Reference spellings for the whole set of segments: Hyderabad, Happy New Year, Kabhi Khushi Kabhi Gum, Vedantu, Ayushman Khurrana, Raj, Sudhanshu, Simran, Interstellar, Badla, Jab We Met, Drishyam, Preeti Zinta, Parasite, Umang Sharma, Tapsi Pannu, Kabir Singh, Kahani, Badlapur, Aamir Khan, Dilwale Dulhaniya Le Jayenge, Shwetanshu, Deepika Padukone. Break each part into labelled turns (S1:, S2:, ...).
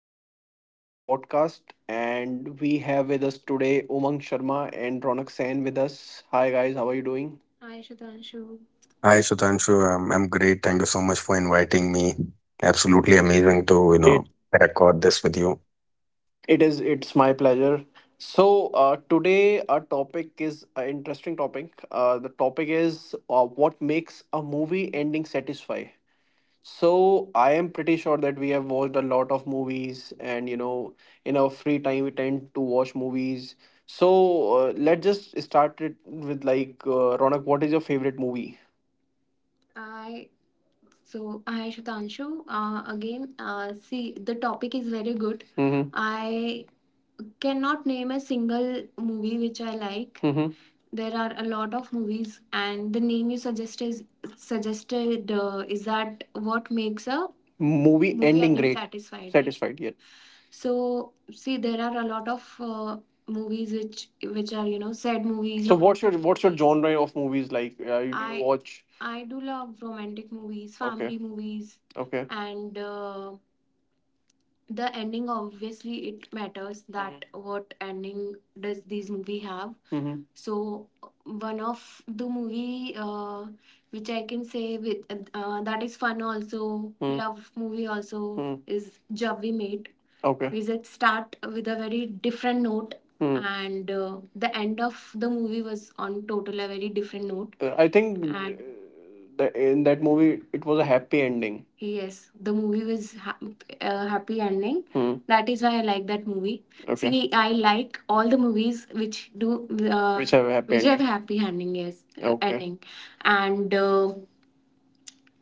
S1: Welcome to another podcast. And we have with us today Umang Sharma and Ronak Sen with us. Hi, guys. How are you doing? Hi, Shwetanshu.
S2: Hi, Sudhanshu. I'm great. Thank you so much for inviting me. Absolutely amazing to,
S1: It
S2: record this with you.
S1: it is. It's my pleasure. So today our topic is an interesting topic. The topic is what makes a movie ending satisfy. So I am pretty sure that we have watched a lot of movies, and you know, in our free time we tend to watch movies. So let's just start it with like Ronak, what is your favorite movie? I so I Shatanshu, again see, the topic is very good. Mm-hmm. Cannot name a single movie which I like. Mm-hmm. There are a lot of movies, and the name you suggested is that what makes a movie ending great. Satisfied, right? Satisfied, right? Yeah. So see, there are a lot of movies which are, you know, sad movies. So or what's your, what's your genre of movies like? You I watch? I do love romantic movies, okay, family movies, okay. And the ending, obviously it matters that, mm-hmm, what ending does this movie have. Mhm. So one of the movie which I can say with, that is fun also, hmm, love movie also, hmm, is job we made Okay. Because it start with a very different note, hmm, and the end of the movie was on total a very different note. I think, and the in that movie it was a happy ending. Yes, the movie was happy ending. Hmm. That is why I like that movie. Okay. See, I like all the movies which do which have a happy, which have ending, happy ending. Yes, okay, ending, and uh,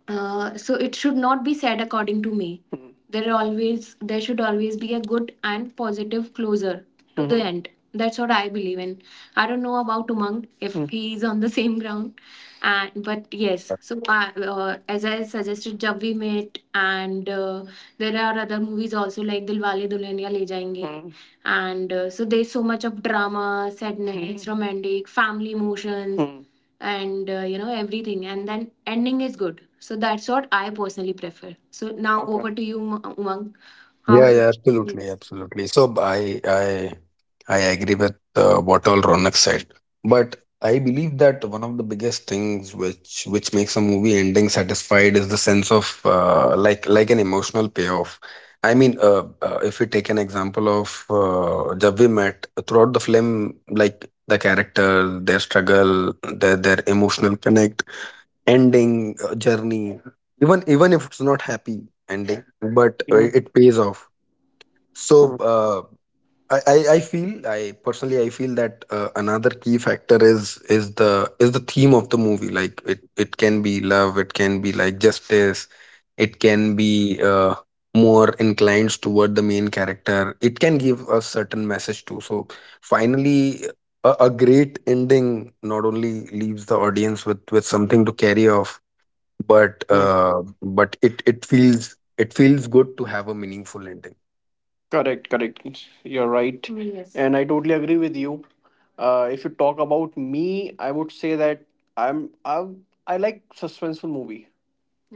S1: uh, so it should not be said, according to me. Hmm. There are always, there should always be a good and positive closer to the, mhm, end. That's what I believe in. I don't know about Umang if, hmm, he is on the same ground, and but yes. So I, as I suggested, Jab We Met, and there are other movies also like Dilwale Dulhaniya Le Jayenge, hmm, and so there's so much of drama, sadness, hmm, romantic, family emotions, hmm, and you know, everything, and then ending is good. So that's what I personally prefer. So now, okay, over to you Umang. How
S2: Yeah, yeah, absolutely,
S1: yes.
S2: absolutely. So I agree with what all Ronak said, but I believe that one of the biggest things which makes a movie ending satisfied is the sense of like an emotional payoff. I mean, if we take an example of Jab We Met, throughout the film, like the character, their struggle, their emotional connect, ending, journey, even if it's not happy ending, but
S1: Yeah.
S2: it pays off. so
S1: Mm,
S2: uh, I feel, I personally I feel that another key factor is is the theme of the movie. Like it can be love, it can be like justice, it can be more inclined toward the main character. It can give a certain message too. So finally, a great ending not only leaves the audience with something to carry off, but
S1: mm.
S2: it feels, it feels good to have a meaningful ending.
S1: Correct, correct. You're right, yes. And I totally agree with you. If you talk about me, I would say that I'm I I like suspenseful movie.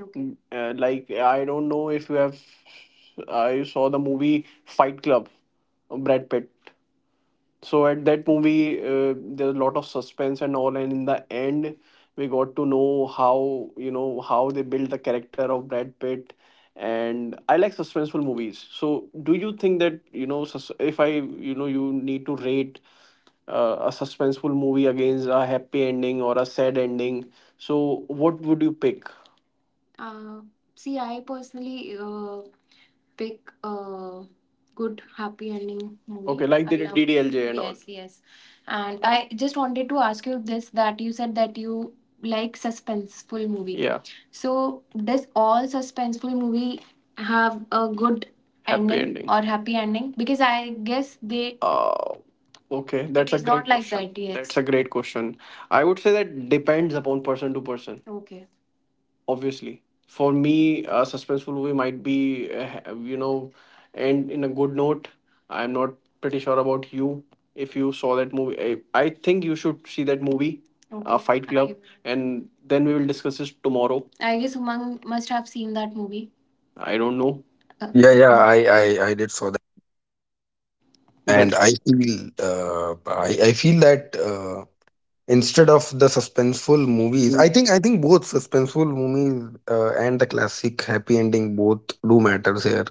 S1: Okay. Mm. Like I don't know if you have, I saw the movie Fight Club, Brad Pitt. So at that movie, there's a lot of suspense and all, and in the end we got to know how, you know, how they built the character of Brad Pitt. And I like suspenseful movies. So do you think that, you know, if I, you know, you need to rate a suspenseful movie against a happy ending or a sad ending, so what would you pick? uh, See, I personally pick a good happy ending movie. Okay, like I the DDLJ and all. Yes, yes. And I just wanted to ask you this, that you said that you like suspenseful movie. Yeah. So does all suspenseful movie have a good happy ending, or happy ending? Because I guess they, okay, that's it a It's not great like question. That. Yes. That's a great question. I would say that depends upon person to person. Okay. Obviously for me a suspenseful movie might be, you know, end in a good note. I'm not pretty sure about you. If you saw that movie, I think you should see that movie, okay, Fight Club, and then we will discuss this tomorrow. I guess Umang must have seen that movie. I don't know. Uh,
S2: Yeah, yeah, I did saw that, and
S1: that's
S2: I feel, I feel that instead of the suspenseful movies,
S1: mm,
S2: I think both suspenseful movies and the classic happy ending both do matters here.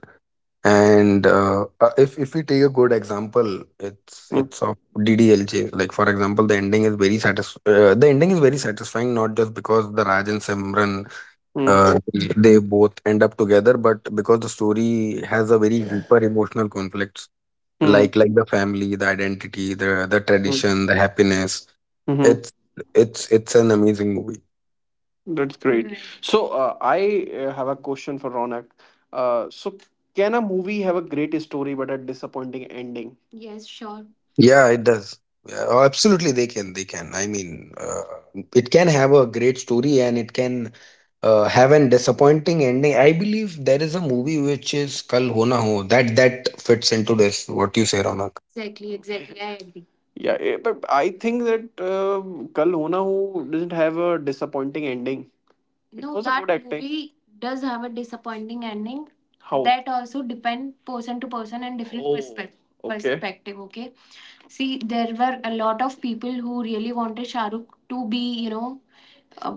S2: And if we take a good example,
S1: mm,
S2: it's of DDLJ. Like for example, the ending is very satisf the ending is very satisfying, not just because the Raj and Simran
S1: mm,
S2: uh, they both end up together, but because the story has a very deeper emotional conflict,
S1: mm,
S2: like the family, the identity, the
S1: mm,
S2: tradition, the happiness.
S1: mhm.
S2: It's it's an amazing movie.
S1: That's great. Right. So I have a question for Ronak. So can a movie have a great story but a disappointing ending? Yes, sure.
S2: Yeah, it does. Yeah, oh, absolutely they can, I mean, it can have a great story and it can have an disappointing ending. I believe there is a movie which is Kal Ho Na Ho, that fits into this. What you say, Ronak?
S1: Exactly, exactly. I agree. Yeah, eh, but I think that Kal Ho Na Ho doesn't have a disappointing ending. It, no, was a that good acting movie does have a disappointing ending. How? That also depend person to person and different, oh, perspective. Okay. Perspective, okay. See, there were a lot of people who really wanted Shahrukh to be, you know, uh,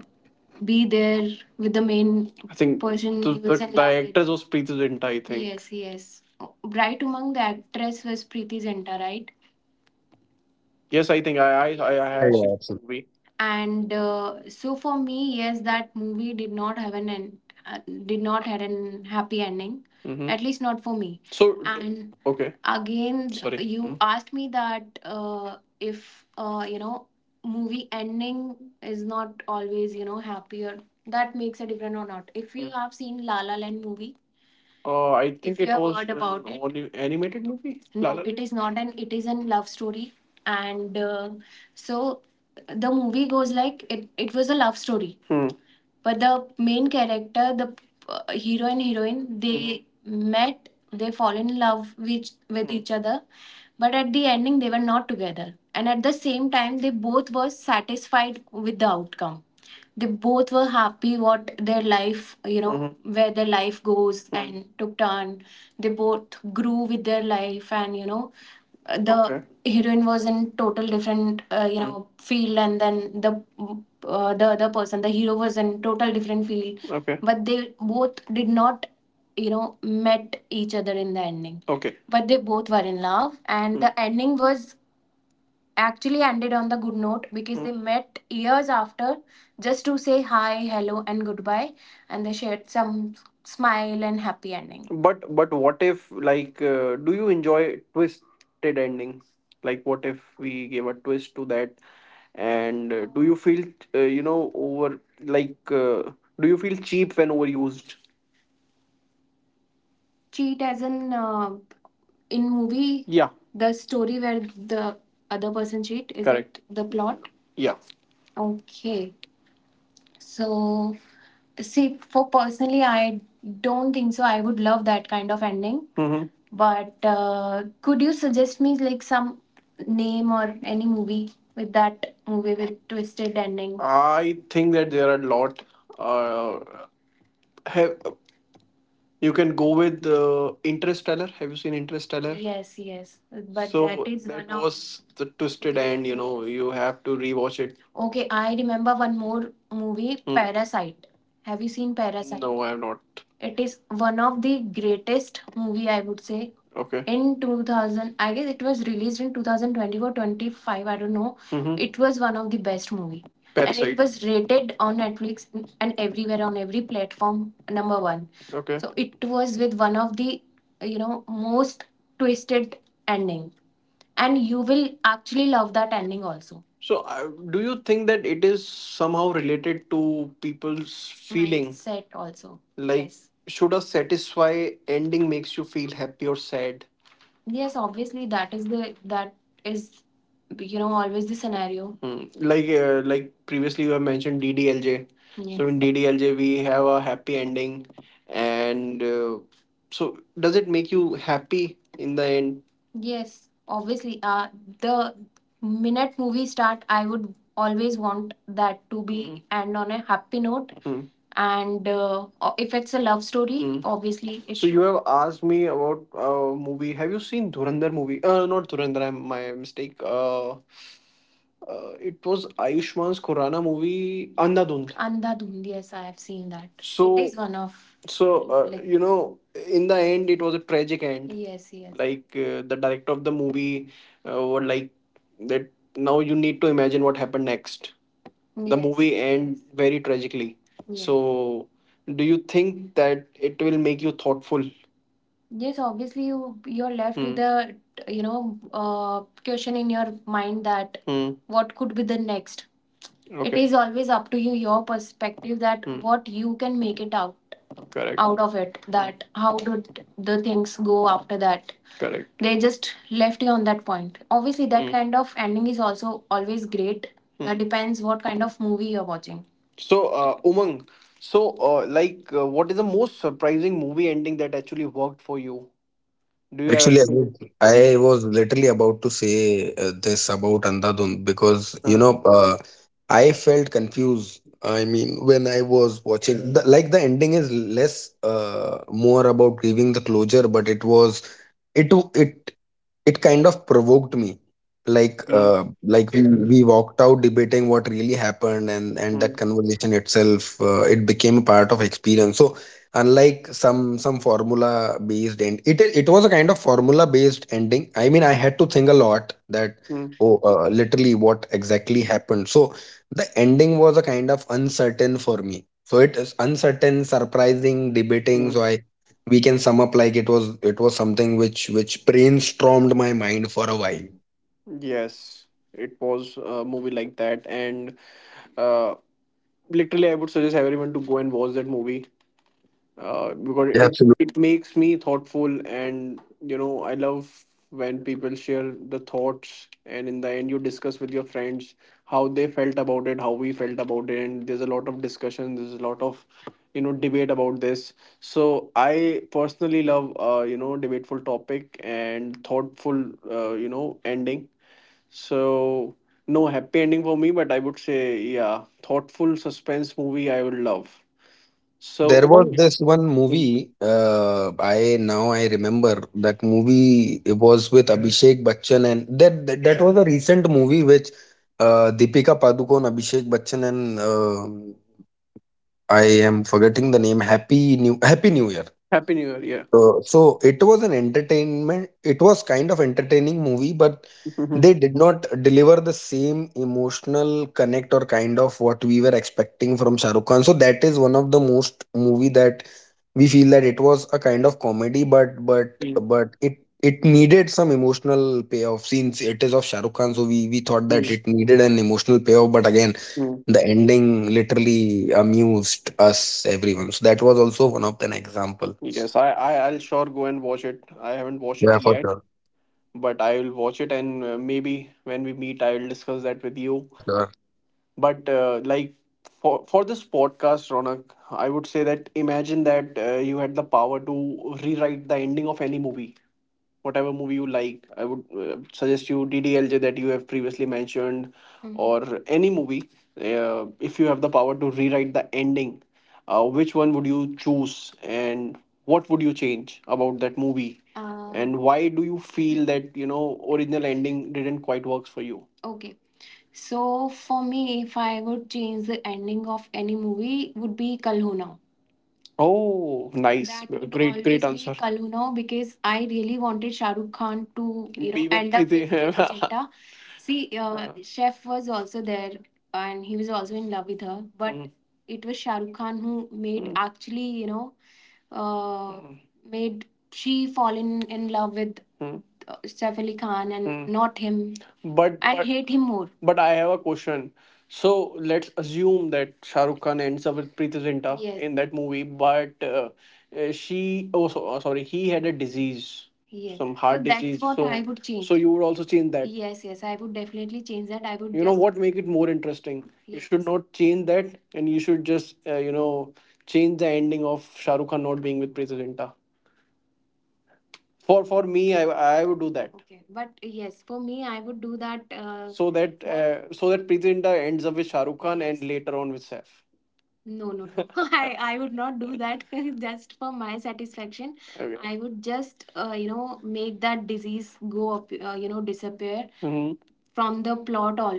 S1: be there with the main, I think person the, he was the in love with. Was Preeti Zinta, I think. Yes, yes. Bright among the actress was Preeti Zinta, right? Yes, I think I
S2: Yeah,
S1: have seen
S2: yeah,
S1: the
S2: absolutely.
S1: movie. And so for me, yes, that movie did not have an end, uh, did not had an happy ending, hmm, at least not for me. So and okay, again sorry. You, mhm, asked me that if, you know, movie ending is not always, you know, happier, that makes a difference or not, if you, mm, have seen La La Land movie. I think, if you it have was heard about an it. Only animated movie. La, no, La it Land? Is not an. It is a love story, and so the movie goes like it. It was a love story, hmm, but the main character the, hero and heroine, they met, they fall in love with, each other, but at the ending they were not together, and at the same time they both were satisfied with the outcome. They both were happy what their life, you know, mhm, where their life goes and took turn. They both grew with their life, and, you know, the, okay, heroine was in total different, you know, field, and then the, the other person the hero was in total different field. Okay. But they both did not, you know, met each other in the ending. Okay. But they both were in love, and the ending was actually ended on the good note because they met years after, just to say hi, hello, and goodbye, and they shared some smile and happy ending. But what if, like, do you enjoy twisted endings? Like what if we gave a twist to that? And do you feel, you know, over, like, do you feel cheap when overused? Cheat as in, in movie? Yeah, the story where the other person cheat is correct it the plot? Yeah. Okay. So see, for personally I don't think so. I would love that kind of ending. Mm-hmm. But could you suggest me like some name or any movie with that movie with twisted ending? I think that there are a lot. Uh, have you can go with Interstellar. Have you seen Interstellar? Yes, yes. But that, so that is that one of was the twisted end, you know, you have to rewatch it. Okay, I remember one more movie, hmm, Parasite. Have you seen Parasite? No, I have not. It is one of the greatest movie, I would say, okay, in 2000, I guess it was released in 2024, 25. I don't know. Mhm. It was one of the best movie, Parasite. And it was rated on Netflix and everywhere on every platform number one. Okay. So it was with one of the, you know, most twisted ending, and you will actually love that ending also. So, do you think that it is somehow related to people's feeling? Mindset also. Like, yes, should a satisfy ending makes you feel happy or sad? Yes, obviously that is the, that is, you know, always the scenario. Hmm. Like, like previously you have mentioned DDLJ. So yes, in DDLJ we have a happy ending, and so does it make you happy in the end? Yes, obviously, the minute movie start, I would always want that to be, hmm, end on a happy note. Hmm. And if it's a love story, hmm, obviously it So should. You have asked me about a, movie. Have you seen Dhurandhar movie? Not Dhurandhar, I'm, my mistake. It was Ayushman's Khurrana movie, Andhadhund. Andhadhund, yes, I have seen that. So, it is one of, so like, you know, in the end, it was a tragic end. Yes, yes. Like, the director of the movie, were like that. Now you need to imagine what happened next. The, yes, movie ends very tragically. Yes. So do you think that it will make you thoughtful? Yes, obviously, you, you're left with, hmm, a, you know, question in your mind that, hmm, what could be the next, it, okay. is always up to you, your perspective that what you can make it out. Correct. Out of it. That how did the things go after that? Correct. They just left you on that point. Obviously, that kind of ending is also always great. Hmm. That depends what kind of movie you're watching. So, Umang, so what is the most surprising movie ending that actually worked for you? Do you have
S2: Actually,
S1: anything?
S2: I was literally about to say this about Andhadhun because
S1: Uh-huh.
S2: I felt confused. I mean, when I was watching, like the ending is less more about grieving the closure, but it it kind of provoked me. Like
S1: Mm,
S2: we walked out debating what really happened, and that
S1: mm,
S2: conversation itself it became a part of experience. So unlike some formula based end, it was a kind of formula based ending. I mean, I had to think a lot that,
S1: mm,
S2: oh, literally what exactly happened. So the ending was a kind of uncertain for me. So it is uncertain, surprising, debating.
S1: mm.
S2: So I We can sum up, like it was, something which brainstormed my mind for a while.
S1: Yes, it was a movie like that, and uh, literally, I would suggest everyone to go and watch that movie, because
S2: Yeah,
S1: it
S2: absolutely.
S1: it makes me thoughtful, and I love when people share the thoughts, and in the end, you discuss with your friends how they felt about it, how we felt about it, and there's a lot of discussion, there's a lot of debate about this. So I personally love debateful topic and thoughtful ending, so no happy ending for me, but I would say yeah, thoughtful suspense movie I would love.
S2: So
S1: So
S2: there was
S1: Umang,
S2: this one movie, I now I remember that movie. It was with Abhishek Bachchan, and that was a recent movie which, Deepika Padukone, Abhishek Bachchan, and uh, I am forgetting the name. Happy New Year.
S1: Happy New Year, yeah.
S2: So it was an entertainment, it was kind of entertaining movie, but
S1: Mhm.
S2: they did not deliver the same emotional connect or kind of what we were expecting from Shah Rukh Khan. So that is one of the most movie that we feel that it was a kind of comedy,
S1: Mm,
S2: but it needed some emotional payoff since it is of Shah Rukh Khan. So we thought that
S1: mm,
S2: it needed an emotional payoff, but again
S1: mm.
S2: the ending literally amused us everyone. So that was also one of an example.
S1: Yes, I'll sure go and watch it. I haven't watched it
S2: Yeah, for
S1: yet,
S2: sure.
S1: but I will watch it, and maybe when we meet, I will discuss that with you.
S2: Yeah, sure.
S1: But for this podcast, Ronak, I would say that imagine that you had the power to rewrite the ending of any movie, whatever movie you like. I would suggest you DDLJ, that you have previously mentioned, mhm, or any movie. If you have the power to rewrite the ending, which one would you choose, and what would you change about that movie, and why do you feel that original ending didn't quite works for you? Okay. So for me, if I would change the ending of any movie, would be Kal Ho Na. Oh, nice. That would, great, great, always be answer. Kaluno, because I really wanted Shah Rukh Khan to, be with, end up with Preeti Zinta. See, Chef was also there and he was also in love with her, but it was Shah Rukh Khan who made, actually, you know, uh, mm, made she fall in love with, Saif Ali Khan and not him. But and but hate him more. But I have a question. So let's assume that Shah Rukh Khan ends up with Preeti Zinta, yes, in that movie, but she, oh so, sorry, he had a disease, yes, some So heart that's disease. What I So would change. So you would also change that. Yes, yes, I would definitely change that. I would you know, just what make it more interesting? You should, yes, not change that, and you should just change the ending of Shah Rukh Khan not being with Preeti Zinta. For me, I would do that. Okay, but yes, for me, I would do that. So that so that Pritinda ends up with Shahrukh Khan and, yes, later on with Saif. No, no, no. I would not do that just for my satisfaction. Okay. I would just, you know, make that disease go up, you know, disappear, hmm, from the plot all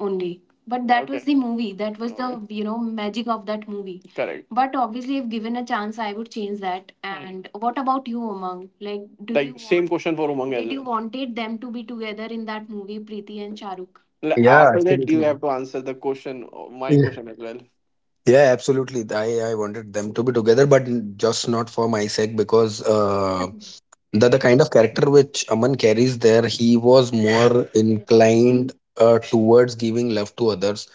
S1: only. But that was, okay, the movie. That was the, alright, you know, magic of that movie. Correct. But obviously, if given a chance, I would change that. Mm. And what about you, Umang? Like, do you, like same want, question for Umang as did you well, wanted them to be together in that movie, Preeti and Shahrukh? Like,
S2: Yeah,
S1: after that, you
S2: absolutely.
S1: have to answer the question, my
S2: Yeah,
S1: question as well.
S2: yeah, absolutely. I wanted them to be together, but just not for my sake, because the kind of character which Aman carries there, he was more
S1: Yes.
S2: inclined towards giving love to others.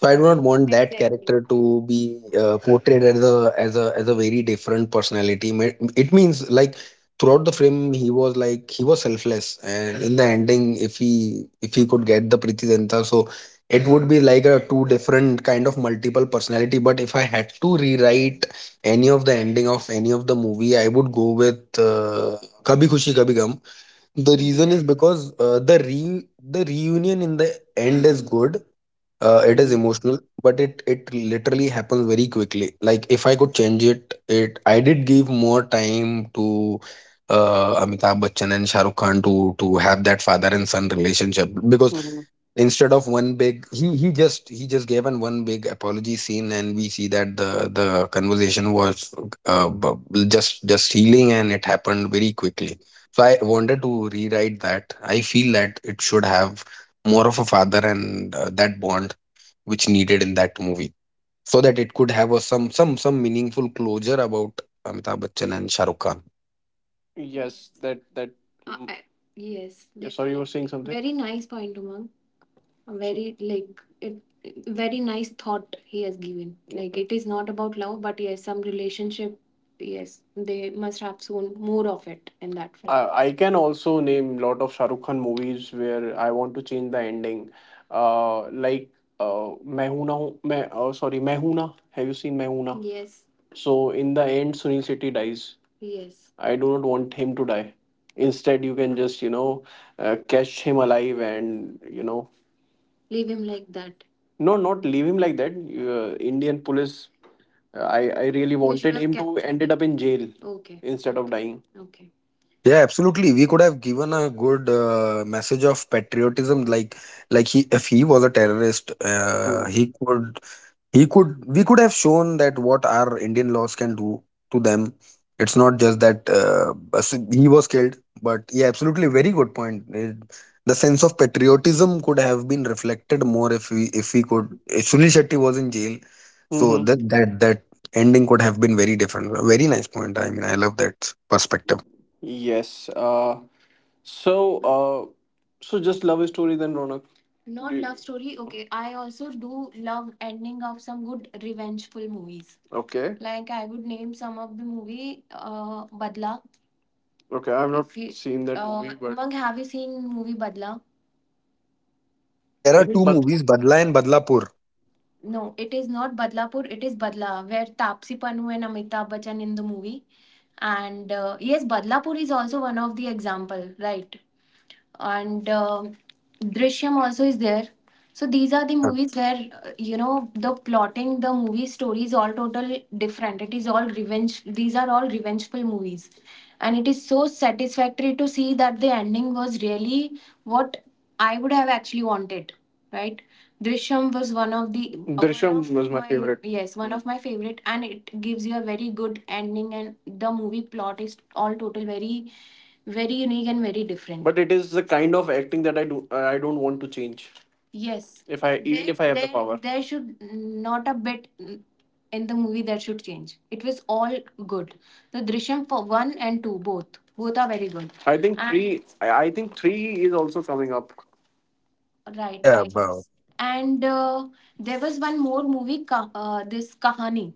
S2: So I do
S1: Mhm.
S2: not want that
S1: Exactly.
S2: character to be portrayed as a as a as a very different personality. It means, like throughout the film he was like he was selfless, and in the ending, if he, could get the Priti Danta, so it would be like a two different kind of multiple personality. But if I had to rewrite any of the ending of any of the movie, I would go with uh, Kabhi Khushi Kabhi Gum. The
S1: Mhm.
S2: reason is because the reunion in the end is good. It is
S1: Mhm.
S2: emotional, but it literally happens very quickly. Like if I could change it, I did give more time to Amitabh Bachchan and shahrukh khan to have that father and son relationship, because
S1: Mhm.
S2: instead of one big, he just gave an one big apology scene, and we see that the conversation was uh, bu- just healing, and it happened very quickly. So I wanted to rewrite that. I feel that it should have more of a father and, that bond which needed in that movie, so that it could have a some meaningful closure about Amitabh Bachchan and Shah Rukh Khan.
S1: Yes, that that. I-, yes, yeah, sorry, you were definitely, saying definitely, something. Very nice point, Umang. A very, like it, very nice thought he has given, like it is not about love, but yes, some relationship. Yes, they must have soon more of it in that film. I I, can also name lot of Shahrukh Khan movies where I want to change the ending. Uh, like Mehuna, Meh, sorry, Mehuna. Have you seen Mehuna? Yes. So in the end, Sunil Shetty dies. Yes, I do not want him to die. Instead, you can just, catch him alive and, you know, leave him like that. No, not leave him like that. Indian police. I really, they should wanted have him to kept him, ended up in jail, okay, instead of dying. Okay.
S2: Yeah, absolutely. We could have given a good message of patriotism. Like he, if he was a terrorist, he could we could have shown that what our Indian laws can do to them. It's not just that he was killed, but yeah, absolutely, very good point. The sense of patriotism could have been reflected more if we, could, if Sunil Shetty was in jail. So
S1: Mm-hmm.
S2: that ending could have been very different. A very nice point. I mean, I love that perspective.
S1: Yes. So. So just love story then, Ronak. Not Do- love story. Okay. I also do love ending of some good revengeful movies. Okay. Like I would name some of the movie, Badla. Okay. I've not, if you seen that movie, but Umang, have you seen movie Badla?
S2: So there
S1: I
S2: are
S1: think
S2: two movies, Badla and Badlapur.
S1: no, it is not Badlapur. It is Badla, where Tapsi Pannu and Amitabh Bachchan in the movie. And yes, Badlapur is also one of the example, right? And um, Drishyam also is there. So these are the
S2: Yeah,
S1: movies where, you know, the plotting, the movie story is all total different. It is all revenge. These are all revengeful movies, and it is so satisfactory to see that the ending was really what I would have actually wanted, right? Drishyam was one of the, one Drishyam of was my my favorite, yes, one of my favorite, and it gives you a very good ending, and the movie plot is all total very, very unique and very different. But it is the kind of acting that I do, I don't want to change. Yes. If I, there, if I have the there, power, there should not a bit in the movie that should change. It was all good. The Drishyam for one and two, both. Both are very good. I think and three, I think three is also coming up,
S2: yeah,
S1: right,
S2: yeah.
S1: I, and there was one more movie, Ka-, this Kahani.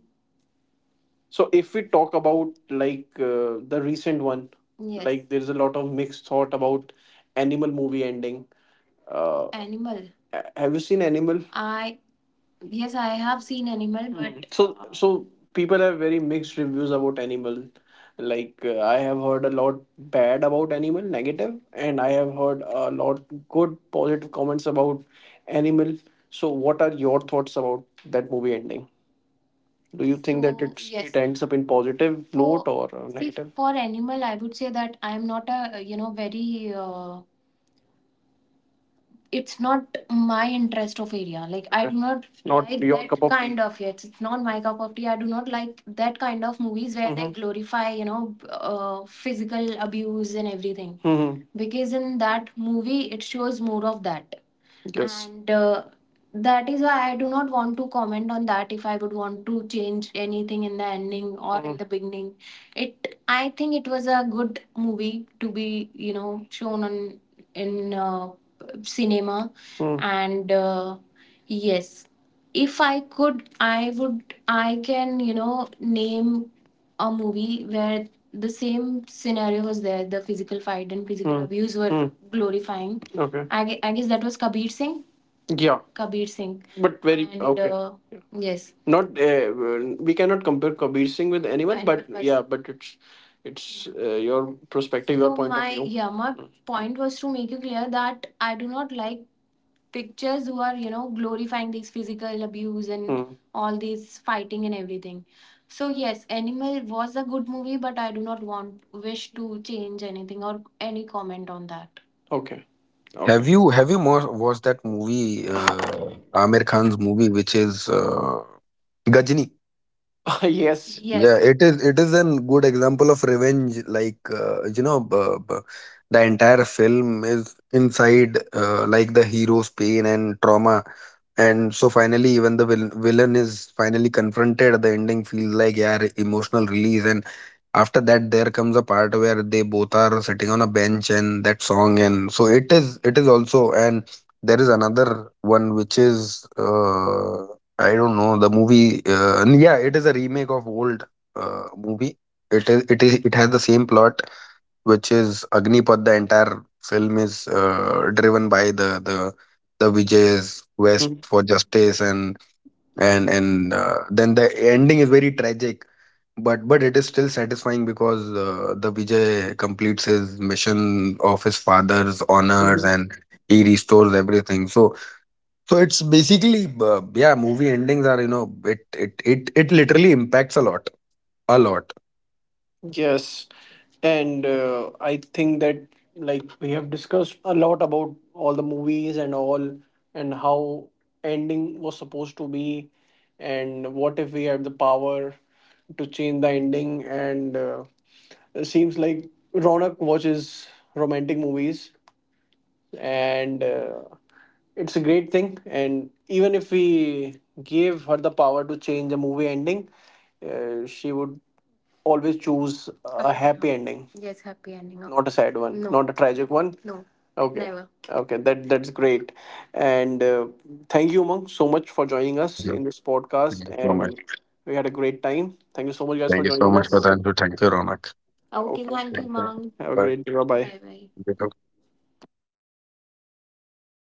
S1: So if we talk about like, the recent one, yes, like there's a lot of mixed thought about Animal movie ending. Animal. A-, have you seen Animal? I, yes, I have seen Animal, mm, but so, so people have very mixed reviews about Animal. Like, I have heard a lot bad about Animal, negative, and I have heard a lot good positive comments about Animal. So what are your thoughts about that movie ending? Do you think that, so, it's it, yes, it ends up in positive note, for or a see, negative? For animal, I would say that I am not a, very. It's not my interest of area. Like I, okay, do not, not like your cup that of tea, kind of. Yes, it's not my cup of tea. I do not like that kind of movies where they, mm-hmm, glorify, physical abuse and everything. Mm-hmm. Because in that movie, it shows more of that. Yes. And that is why I do not want to comment on that. If I would want to change anything in the ending or in, mm, the beginning, it, I think it was a good movie to be, you know, shown on in, cinema, mm. And yes, if I could, I would, I can, you know, name a movie where the same scenario was there, the physical fight and physical, hmm, abuse were, hmm, glorifying. Okay. I guess that was Kabir Singh. Yeah, Kabir Singh. But very and okay, yeah, yes, not, well, we cannot compare Kabir Singh with anyone but person, yeah, person. But it's your perspective, your, so point of my view, yeah, my, mm, point was to make you clear that I do not like pictures who are, you know, glorifying these physical abuse and, hmm, all these fighting and everything. So yes, Animal was a good movie, but I do not want wish to change anything or any comment on that. Okay. Okay.
S2: Have you more watched that movie, Aamir Khan's movie, which is Gajni?
S1: Yes.
S2: Yeah,
S1: Yes,
S2: it is, a good example of revenge. Like, the entire film is inside, like the hero's pain and trauma, and so finally, even the villain is finally confronted. The ending feels like, yeah, emotional release, and after that, there comes a part where they both are sitting on a bench and that song, and so it is, also. And there is another one which is, I don't know the movie. And yeah, it is a remake of old movie. It is, it has the same plot, which is Agnipad. The entire film is driven by the Vijay's quest for justice, and then the ending is very tragic. But it is still satisfying, because the Vijay completes his mission of his father's honors,
S1: mhm.
S2: and he restores everything. So it's basically, yeah, movie endings are, you know, it literally impacts a lot, a lot.
S1: Yes, and I think that, like we have discussed a lot about all the movies and all, and how ending was supposed to be, and what if we had the power to change the ending. And it seems like Ronak watches romantic movies, and it's a great thing, and even if we gave her the power to change the movie ending, she would always choose a happy ending. Yes, happy ending. No, not a sad one, no, not a tragic one. No, okay, never. Okay, that that's great, and thank you, Umang, so much for joining us
S2: Thank you.
S1: in this
S2: Thank
S1: podcast,
S2: you so much.
S1: and we had a great time. Thank you so much, guys,
S2: Thank
S1: for
S2: you so
S1: joining
S2: much,
S1: us.
S2: for the Vedantu. Thank you, Ronak.
S1: Okay, okay, thank you,
S2: Thank you.
S1: mom. Have a great day. Bye bye. Bye bye.
S2: Bye.